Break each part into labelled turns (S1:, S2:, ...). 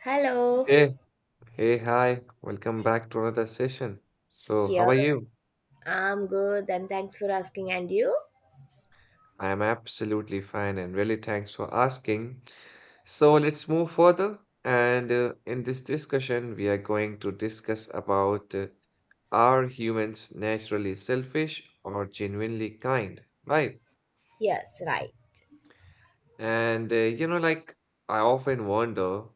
S1: Hello.
S2: Hey, hey, hi. Welcome back to another session. So, how
S1: Here.
S2: are you?
S1: I'm good, and thanks for asking. And you?
S2: I am absolutely fine and really thanks for asking. So, let's move further. And In this discussion, we are going to discuss about are humans naturally selfish or genuinely kind, right?
S1: Yes, right.
S2: Like, I often wonder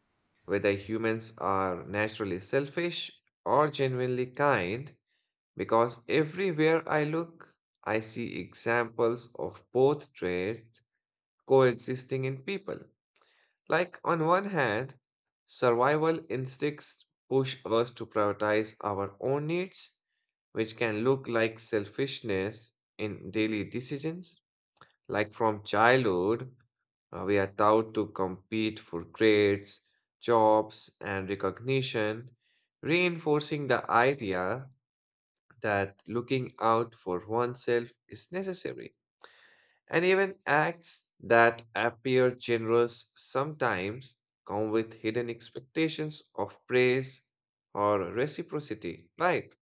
S2: whether humans are naturally selfish or genuinely kind. Because everywhere I look, I see examples of both traits coexisting in people. Like, on one hand, survival instincts push us to prioritize our own needs, which can look like selfishness in daily decisions. Like, from childhood, we are taught to compete for grades, jobs, and recognition, reinforcing the idea that looking out for oneself is necessary, and even acts that appear generous sometimes come with hidden expectations of praise or reciprocity, right?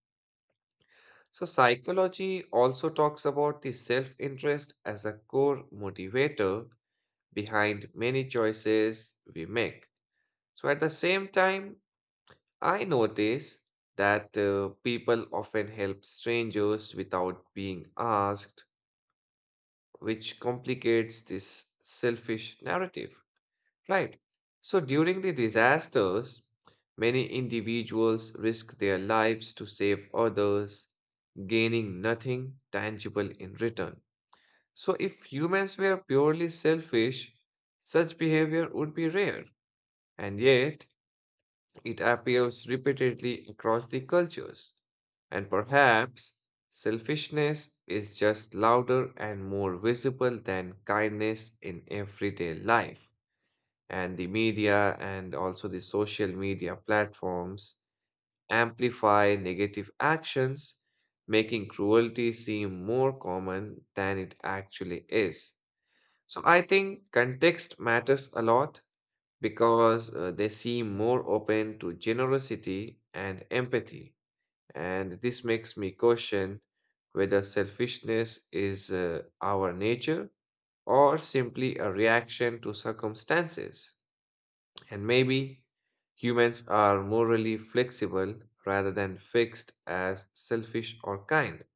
S2: So, psychology also talks about the self interest as a core motivator behind many choices we make. So, at the same time, I notice that people often help strangers without being asked, which complicates this selfish narrative, right? So during the disasters, many individuals risk their lives to save others, gaining nothing tangible in return. So if humans were purely selfish, such behavior would be rare. And yet, it appears repeatedly across the cultures. And perhaps selfishness is just louder and more visible than kindness in everyday life. And the media and also the social media platforms amplify negative actions, making cruelty seem more common than it actually is. So I think context matters a lot because they seem more open to generosity and empathy. And this makes me question whether selfishness is our nature or simply a reaction to circumstances. And maybe humans are morally flexible rather than fixed as selfish or kind.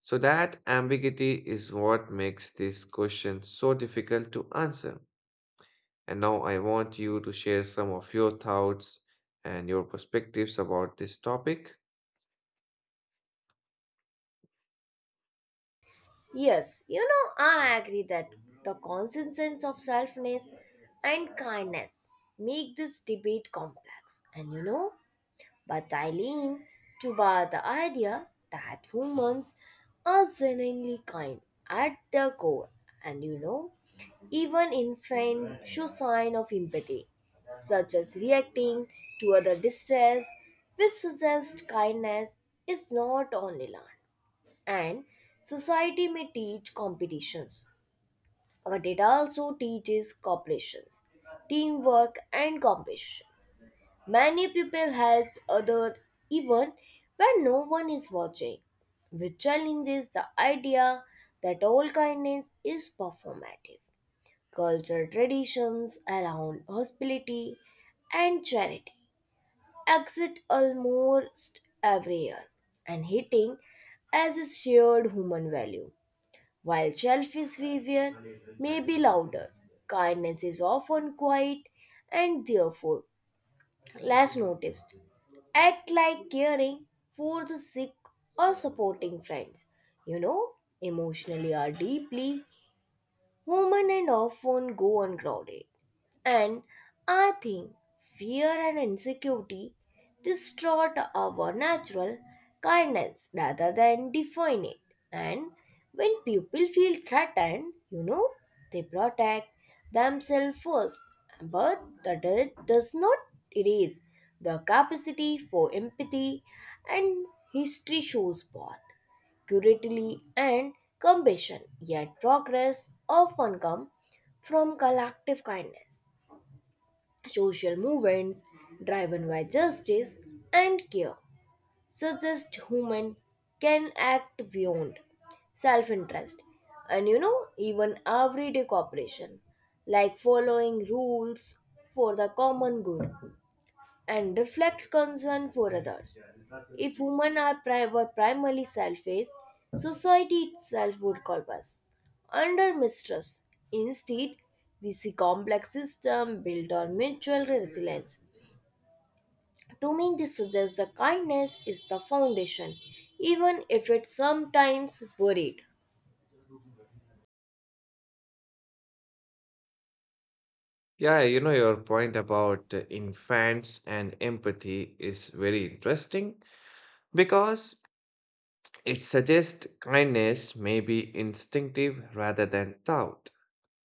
S2: So, that ambiguity is what makes this question so difficult to answer. And now I want you to share some of your thoughts and your perspectives about this topic.
S1: Yes, I agree that the constant sense of selfness and kindness make this debate complex. But I lean to bar the idea that humans are genuinely kind at their core. And you know, Even infants show sign of empathy, such as reacting to other distress, which suggests kindness is not only learned. And society may teach competitions, but it also teaches cooperations, teamwork, and compassion. Many people help others even when no one is watching, which challenges the idea that all kindness is performative. Cultural traditions around hospitality and charity exist almost every year and hitting as a shared human value. While selfish behavior may be louder, kindness is often quiet and therefore less noticed. Act like caring for the sick or supporting friends, you know, emotionally or deeply. Women and often go ungrounded. And I think fear and insecurity distort our natural kindness rather than define it. And when people feel threatened, they protect themselves first. But that it does not erase the capacity for empathy, and history shows both curiosity and compassion. Yet progress often comes from collective kindness. Social movements driven by justice and care suggest human can act beyond self-interest, and even everyday cooperation like following rules for the common good and reflects concern for others. If women are were primarily selfish, society itself would collapse under mistrust. Instead, we see complex systems built on mutual resilience. To me, this suggests that kindness is the foundation, even if it's sometimes worried.
S2: Yeah, you know, your point about infants and empathy is very interesting because it suggests kindness may be instinctive rather than thought.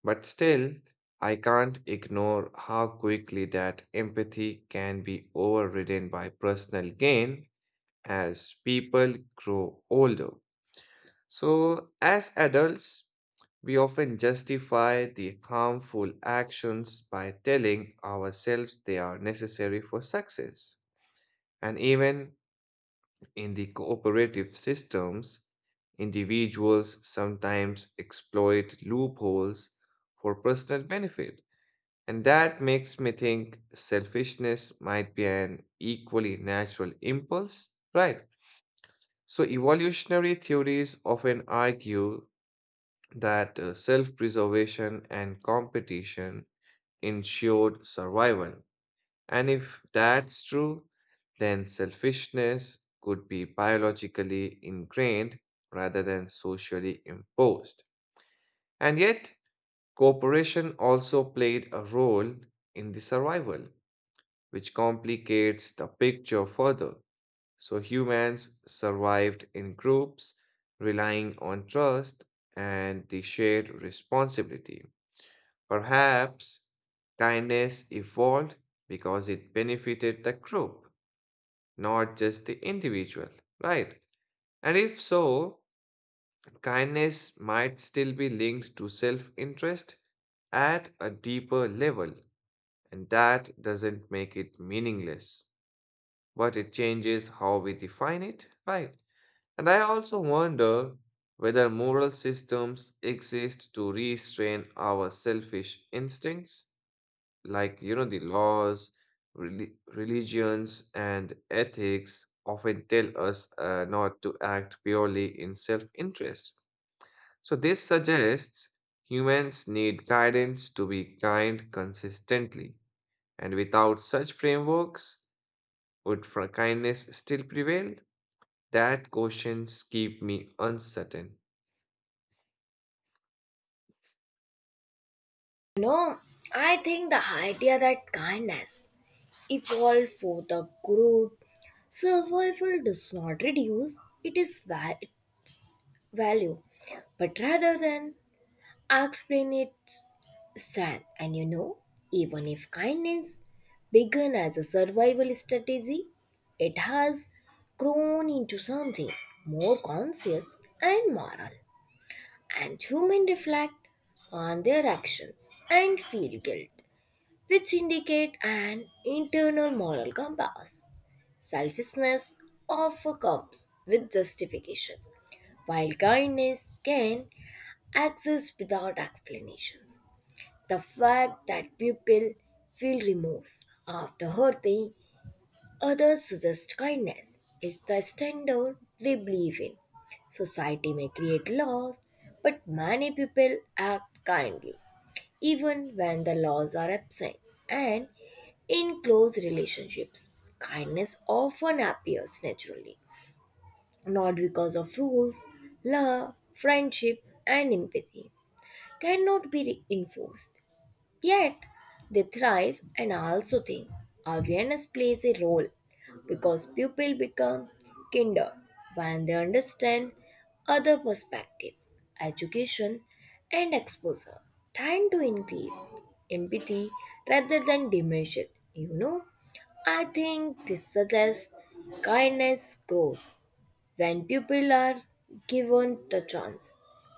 S2: But still, I can't ignore how quickly that empathy can be overridden by personal gain as people grow older. So, as adults, we often justify the harmful actions by telling ourselves they are necessary for success. And even in the cooperative systems, individuals sometimes exploit loopholes for personal benefit. And that makes me think selfishness might be an equally natural impulse, right? So, evolutionary theories often argue that self preservation and competition ensured survival. And if that's true, then selfishness could be biologically ingrained rather than socially imposed. And yet, cooperation also played a role in the survival, which complicates the picture further. So, humans survived in groups, relying on trust and the shared responsibility. Perhaps kindness evolved because it benefited the group, not just the individual, right? And if so, kindness might still be linked to self interest at a deeper level, and that doesn't make it meaningless, but it changes how we define it, right? And I also wonder whether moral systems exist to restrain our selfish instincts, like you know the laws, religions and ethics often tell us not to act purely in self-interest. So this suggests humans need guidance to be kind consistently, and without such frameworks, would for kindness still prevail? That questions keep me uncertain.
S1: No, I think the idea that kindness evolved for the group survival does not reduce, it is valid. Value. But rather than explain it's sad. Even if kindness began as a survival strategy, it has grown into something more conscious and moral. And human reflect on their actions and feel guilt, which indicate an internal moral compass. Selfishness often comes with justification, while kindness can access without explanations. The fact that people feel remorse after hurting others suggests kindness is the standard they believe in. Society may create laws, but many people act kindly even when the laws are absent. And in close relationships, kindness often appears naturally, not because of rules, love, friendship, and empathy cannot be enforced. Yet, they thrive, and I also think awareness plays a role because people become kinder when they understand other perspectives, education, and exposure tend to increase empathy rather than diminish it. I think this suggests kindness grows when people are given the chance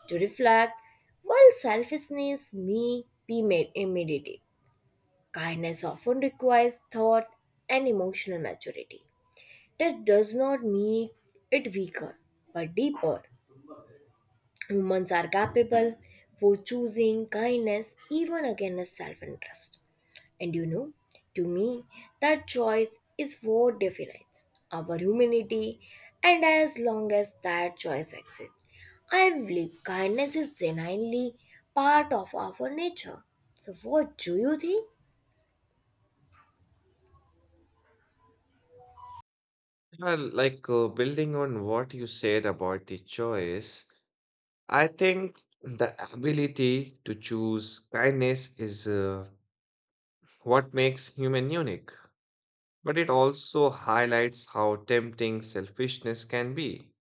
S1: to reflect, while selfishness may be made immediate. Kindness often requires thought and emotional maturity. That does not make it weaker but deeper. Humans are capable for choosing kindness even against self-interest, and to me, that choice is what defines our humanity. And as long as that choice exists, I believe kindness is genuinely part of our nature. So, what do you think?
S2: Yeah, like building on what you said about the choice, I think the ability to choose kindness is what makes human unique, but it also highlights how tempting selfishness can be.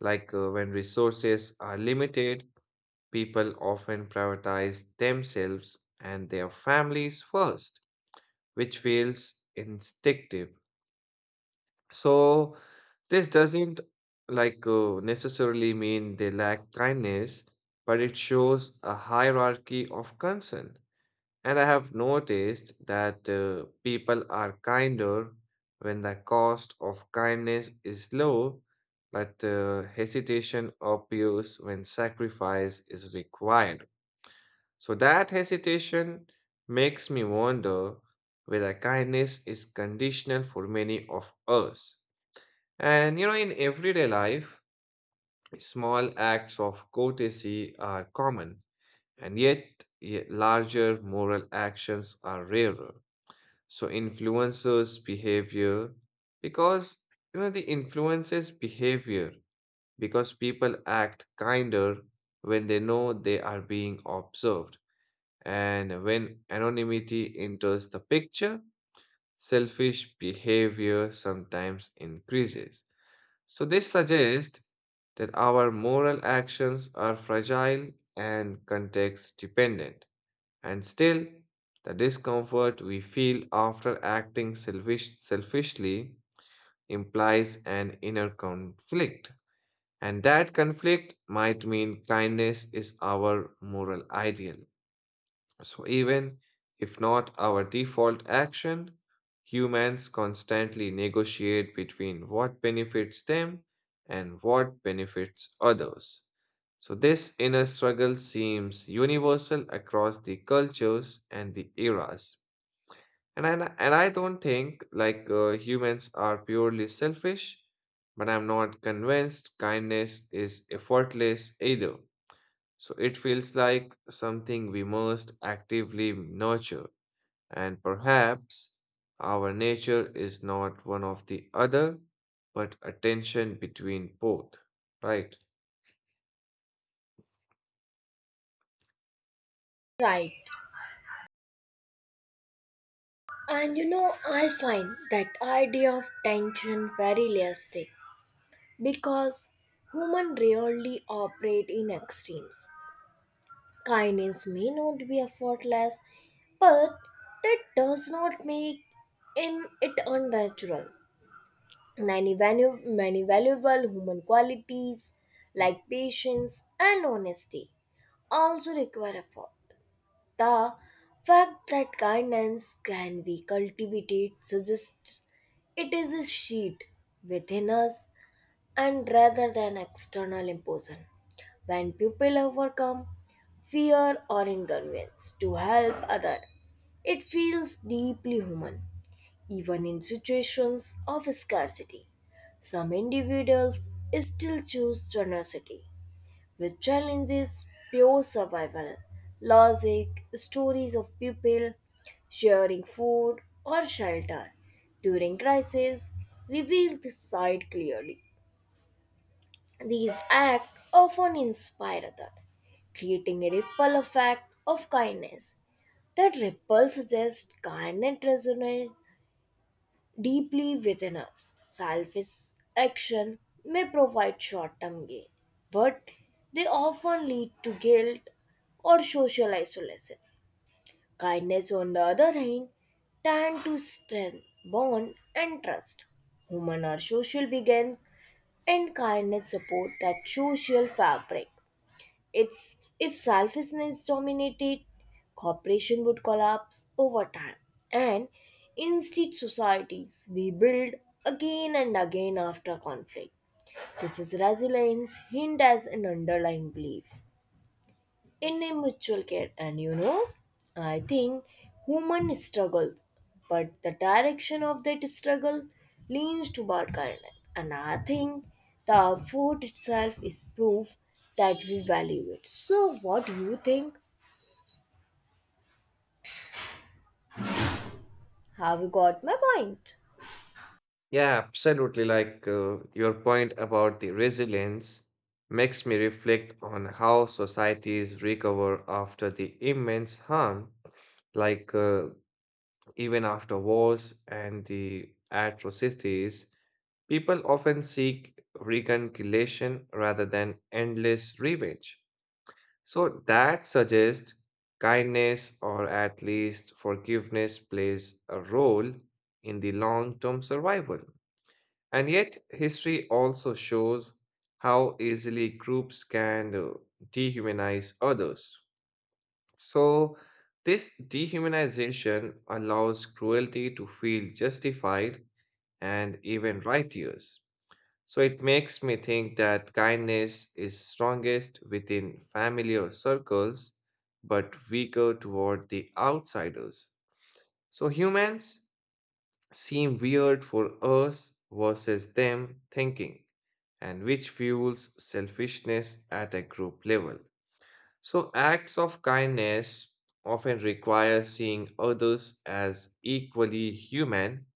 S2: Like when resources are limited, people often prioritize themselves and their families first, which feels instinctive. So this doesn't like necessarily mean they lack kindness, but it shows a hierarchy of concern. And I have noticed that people are kinder when the cost of kindness is low, but hesitation appears when sacrifice is required. So that hesitation makes me wonder whether kindness is conditional for many of us, and you know, in everyday life, small acts of courtesy are common, and yet larger moral actions are rarer. So influencers' behavior, because you know, the influences behavior, because people act kinder when they know they are being observed. And when anonymity enters the picture, selfish behavior sometimes increases. So, this suggests that our moral actions are fragile and context dependent, and still, the discomfort we feel after selfishly implies an inner conflict, and that conflict might mean kindness is our moral ideal. So, even if not our default action, humans constantly negotiate between what benefits them and what benefits others. So, this inner struggle seems universal across the cultures and the eras. And I, and I don't think like humans are purely selfish, but I'm not convinced kindness is effortless either. So it feels like something we must actively nurture, and perhaps our nature is not one of the other, but a tension between both, right?
S1: Right. I find that idea of tension very elastic because humans rarely operate in extremes. Kindness may not be effortless, but that does not make in it unnatural. Many, many valuable human qualities like patience and honesty also require effort. The fact that kindness can be cultivated suggests it is a seed within us and rather than external imposition. When people overcome fear or inconvenience to help other, it feels deeply human, even in situations of scarcity. Some individuals still choose generosity, which challenges pure survival logic. Stories of people sharing food or shelter during crisis reveal this side clearly. These acts often inspire others, creating a ripple effect of kindness. That ripple suggests kindness resonates deeply within us. Selfish action may provide short term gain, but they often lead to guilt or social isolation. Kindness, on the other hand, tend to strengthen bond and trust. Human or social begins, and kindness support that social fabric. It's if selfishness dominated, cooperation would collapse over time, and instead societies rebuild again and again after conflict. This is resilience, hint as an underlying belief in a mutual care, and I think human struggles, but the direction of that struggle leans toward kindness, and I think the effort itself is proof that we value it. So what do you think? Have you got my point?
S2: Yeah, absolutely. Like your point about the resilience makes me reflect on how societies recover after the immense harm, like even after wars and the atrocities, people often seek reconciliation rather than endless revenge. So that suggests kindness, or at least forgiveness, plays a role in the long term survival. And yet, history also shows how easily groups can dehumanize others. So, this dehumanization allows cruelty to feel justified and even righteous. So, it makes me think that kindness is strongest within familiar circles, but weaker toward the outsiders. So, humans seem weird for us versus them thinking, and which fuels selfishness at a group level. So, acts of kindness often require seeing others as equally human,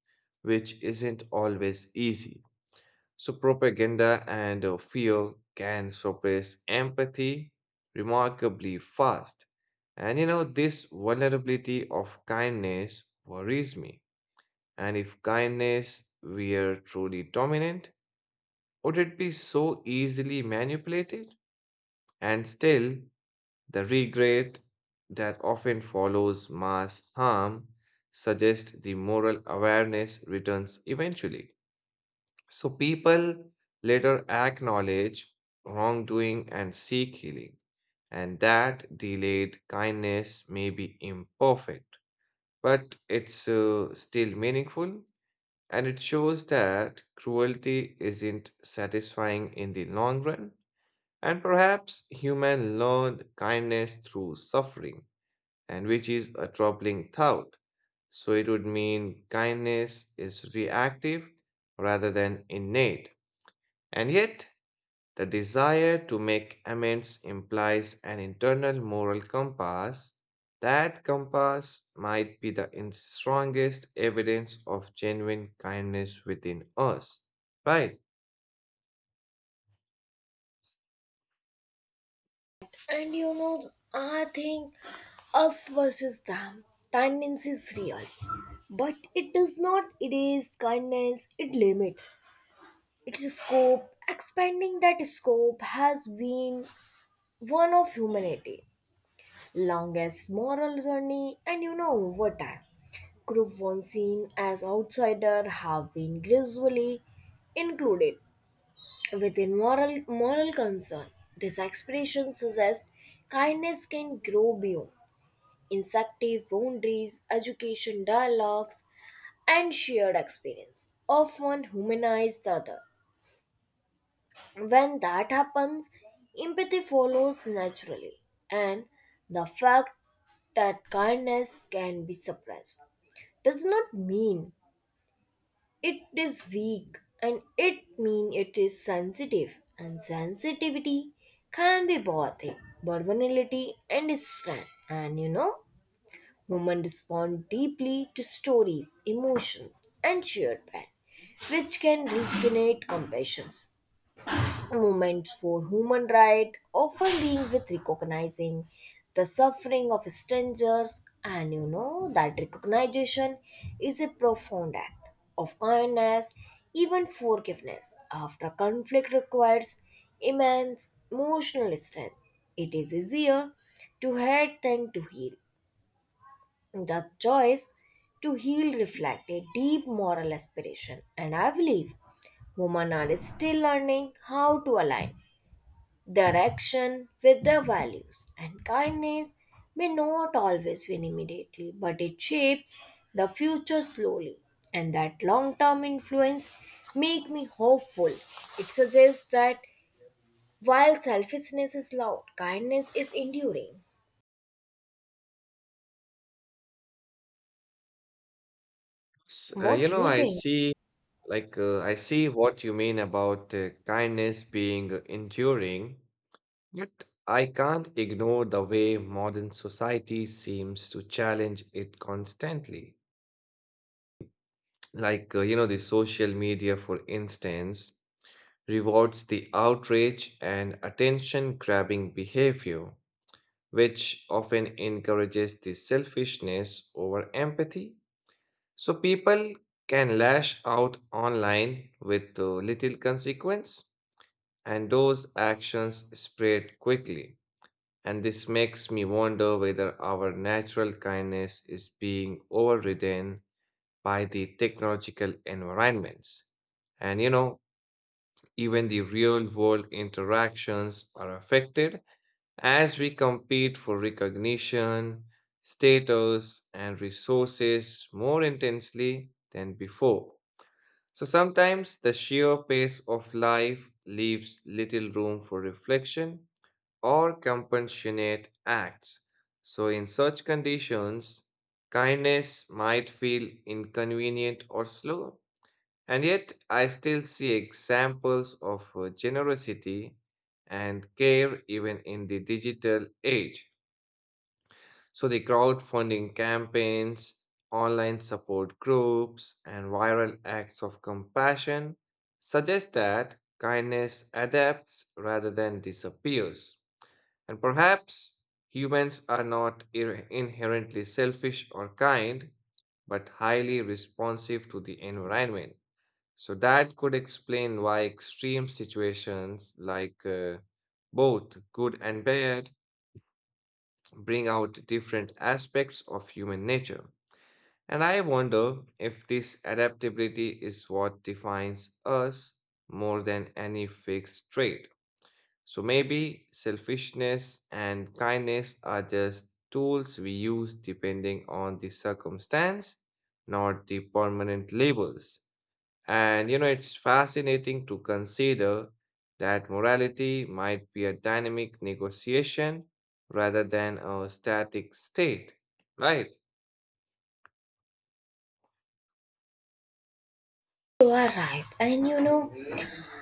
S2: which isn't always easy. So, propaganda and fear can suppress empathy remarkably fast. And you know, this vulnerability of kindness worries me. And if kindness were truly dominant, would it be so easily manipulated? And still, the regret that often follows mass harm suggests the moral awareness returns eventually. So people later acknowledge wrongdoing and seek healing, and that delayed kindness may be imperfect, but it's still meaningful, and it shows that cruelty isn't satisfying in the long run. And perhaps human learned kindness through suffering, and which is a troubling thought. So it would mean kindness is reactive rather than innate. And yet, the desire to make amends implies an internal moral compass. That compass might be the strongest evidence of genuine kindness within us. Right.
S1: And you know I think us versus them tendency is real, but it does not erase kindness. It limits its scope. Expanding that scope has been one of humanity' longest moral journey, and over time, group once seen as outsider have been gradually included within moral concern. This expression suggests kindness can grow beyond instinctive boundaries, education dialogues, and shared experience. Often humanize the other. When that happens, empathy follows naturally, and the fact that kindness can be suppressed does not mean it is weak, and it mean it is sensitive, and sensitivity can be both a vulnerability and a strength. And women respond deeply to stories, emotions, and shared pain, which can resonate compassions. Movements for human rights often being with recognizing the suffering of strangers, and that recognition is a profound act of kindness. Even forgiveness after conflict requires immense emotional strength. It is easier to hurt than to heal. The choice to heal reflects a deep moral aspiration, and I believe women are still learning how to align direction with their values. And kindness may not always win immediately, but it shapes the future slowly. And that long term influence make me hopeful. It suggests that while selfishness is loud, kindness is enduring. What do you
S2: I
S1: think?
S2: see, like, I see what you mean about kindness being enduring. Yet I can't ignore the way modern society seems to challenge it constantly. Like, you know, the social media, for instance, rewards the outrage and attention grabbing behavior, which often encourages the selfishness over empathy. So people can lash out online with little consequence, and those actions spread quickly. And this makes me wonder whether our natural kindness is being overridden by the technological environments. And you know, even the real world interactions are affected as we compete for recognition, status, and resources more intensely than before. So sometimes the sheer pace of life leaves little room for reflection or compassionate acts. So, in such conditions, kindness might feel inconvenient or slow. And yet, I still see examples of generosity and care even in the digital age. So, the crowdfunding campaigns, online support groups, and viral acts of compassion suggest that kindness adapts rather than disappears. And perhaps humans are not inherently selfish or kind, but highly responsive to the environment. So that could explain why extreme situations like both good and bad bring out different aspects of human nature. And I wonder if this adaptability is what defines us more than any fixed trait. So maybe selfishness and kindness are just tools we use depending on the circumstance, not the permanent labels. And you know, it's fascinating to consider that morality might be a dynamic negotiation rather than a static state, right?
S1: You are right.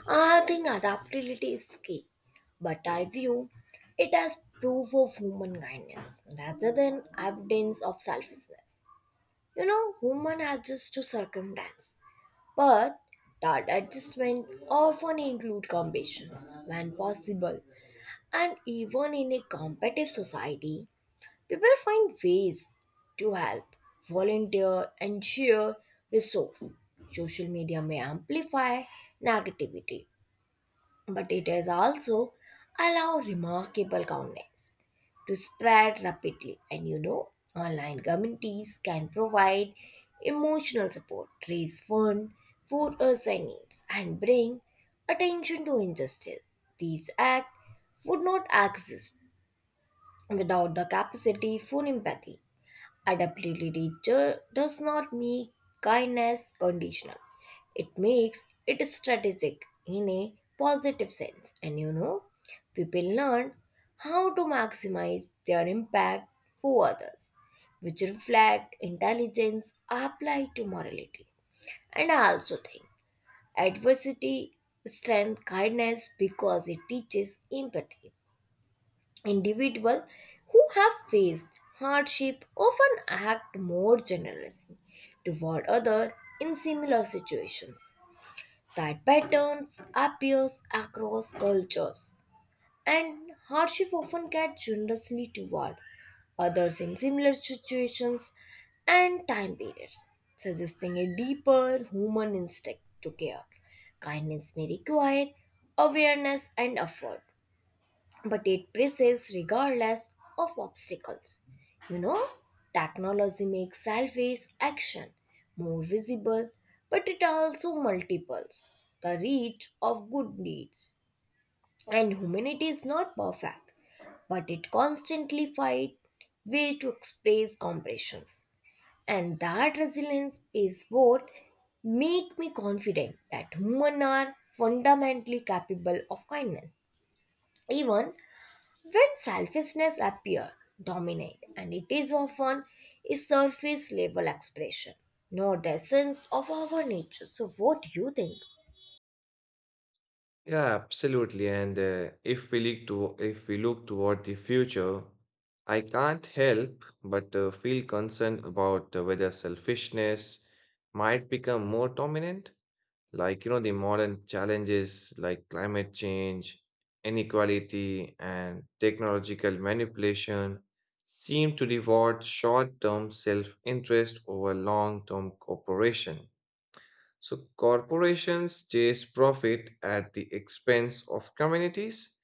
S1: I think adaptability is key, but I view it as proof of human kindness rather than evidence of selfishness. Women adjust to circumstance, but that adjustment often include combinations when possible. And even in a competitive society, people find ways to help, volunteer, and share resource. Social media may amplify negativity, but it has also allowed remarkable kindness to spread rapidly. And online communities can provide emotional support, raise funds for urgent needs, and bring attention to injustice. These acts would not exist without the capacity for empathy. Adaptability does not make kindness conditional. It makes it strategic in a positive sense. And people learn how to maximize their impact for others, which reflect intelligence applied to morality. And I also think adversity strengthens kindness because it teaches empathy. Individuals who have faced hardship often act more generously toward others in similar situations. That pattern appears across cultures, and hardship often get generously toward others in similar situations and time periods, suggesting a deeper human instinct to care. Kindness may require awareness and effort, but it persists regardless of obstacles. You know, technology makes selfish action more visible, but it also multiples the reach of good deeds. And humanity is not perfect, but it constantly finds way to express compressions. And that resilience is what make me confident that humans are fundamentally capable of kindness even when selfishness appears dominant, and it is often a surface level expression, not the essence of our nature. So, what do you think?
S2: Yeah, absolutely. And if we look to If we look toward the future, I can't help but feel concerned about whether selfishness might become more dominant. Like, you know, the modern challenges like climate change, inequality, and technological manipulation seem to reward short-term self-interest over long-term cooperation. So corporations chase profit at the expense of communities,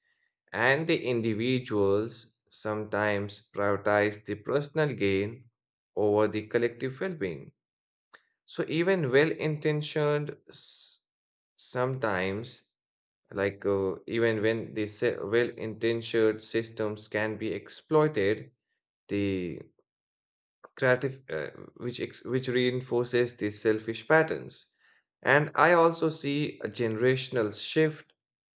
S2: and the individuals sometimes prioritize the personal gain over the collective well being. So sometimes even when the well intentioned systems can be exploited, the creative, which ex- which reinforces these selfish patterns. And I also see a generational shift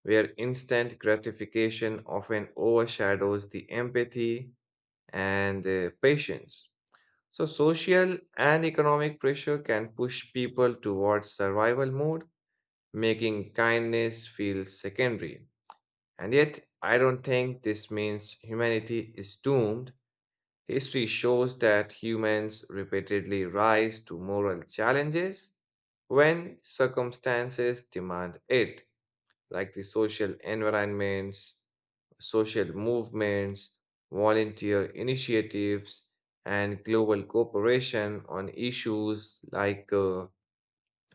S2: where instant gratification often overshadows the empathy and patience. So social and economic pressure can push people towards survival mode, making kindness feel secondary. And yet, I don't think this means humanity is doomed. History shows that humans repeatedly rise to moral challenges when circumstances demand it, like the social environments, social movements, volunteer initiatives, and global cooperation on issues like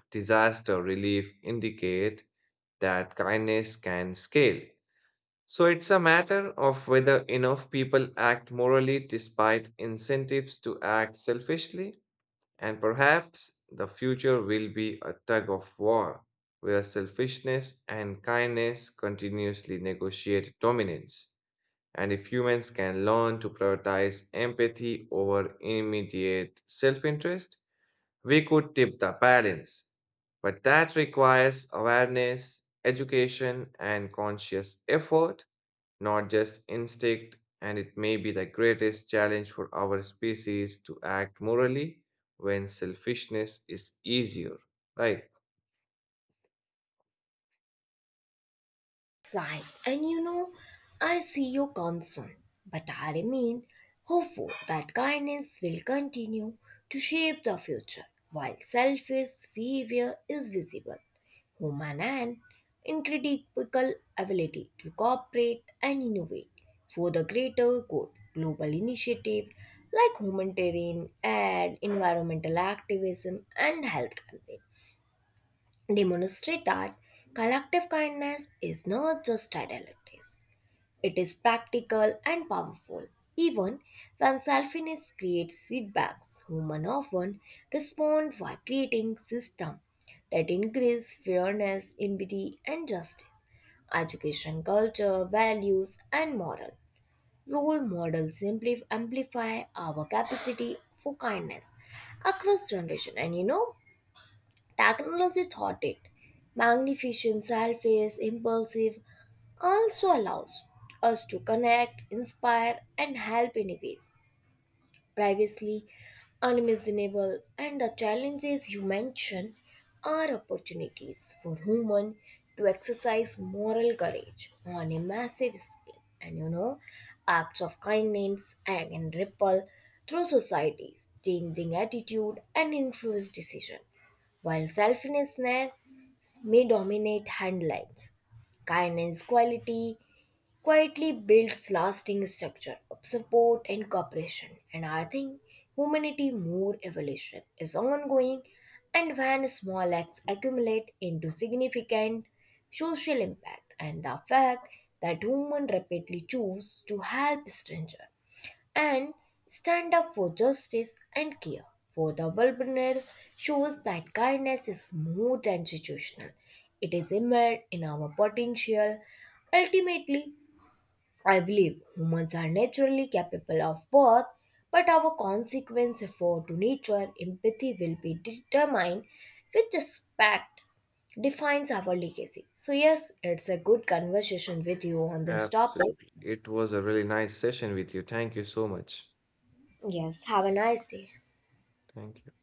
S2: disaster relief indicate that kindness can scale. So it's a matter of whether enough people act morally despite incentives to act selfishly, and perhaps the future will be a tug of war where selfishness and kindness continuously negotiate dominance. And if humans can learn to prioritize empathy over immediate self interest, we could tip the balance. But that requires awareness, education, and conscious effort, not just instinct, and it may be the greatest challenge for our species to act morally when selfishness is easier. Right.
S1: Side, and I see your concern, but I remain hopeful that kindness will continue to shape the future. While selfish behavior is visible, human and incredible ability to cooperate and innovate for the greater good, global initiative like humanitarian and environmental activism and health campaign demonstrate that collective kindness is not just idealities. It is practical and powerful. Even when selfishness creates setbacks, humans often respond by creating systems that increase fairness, empathy, and justice. Education, culture, values, and moral role models amplify our capacity for kindness across generation. And technology thought it. Magnificent, selfish, impulsive also allows us to connect, inspire, and help in ways previously unimaginable. And the challenges you mention are opportunities for human to exercise moral courage on a massive scale. And acts of kindness can ripple through societies, changing attitude and influence decision while selflessness may dominate headlines. Kindness quality quietly builds lasting structure of support and cooperation. And I think humanity more evolution is ongoing, and when small acts accumulate into significant social impact, and the fact that human rapidly choose to help stranger and stand up for justice and care for the vulnerable shows that kindness is more than situational. It is immersed in our potential. Ultimately, I believe humans are naturally capable of both, but our consequence for to nature empathy will be determined which aspect defines our legacy. So yes, it's a good conversation with you on this topic.
S2: Absolutely. It was a really nice session with you. Thank you so much.
S1: Yes, have a nice day.
S2: Thank you.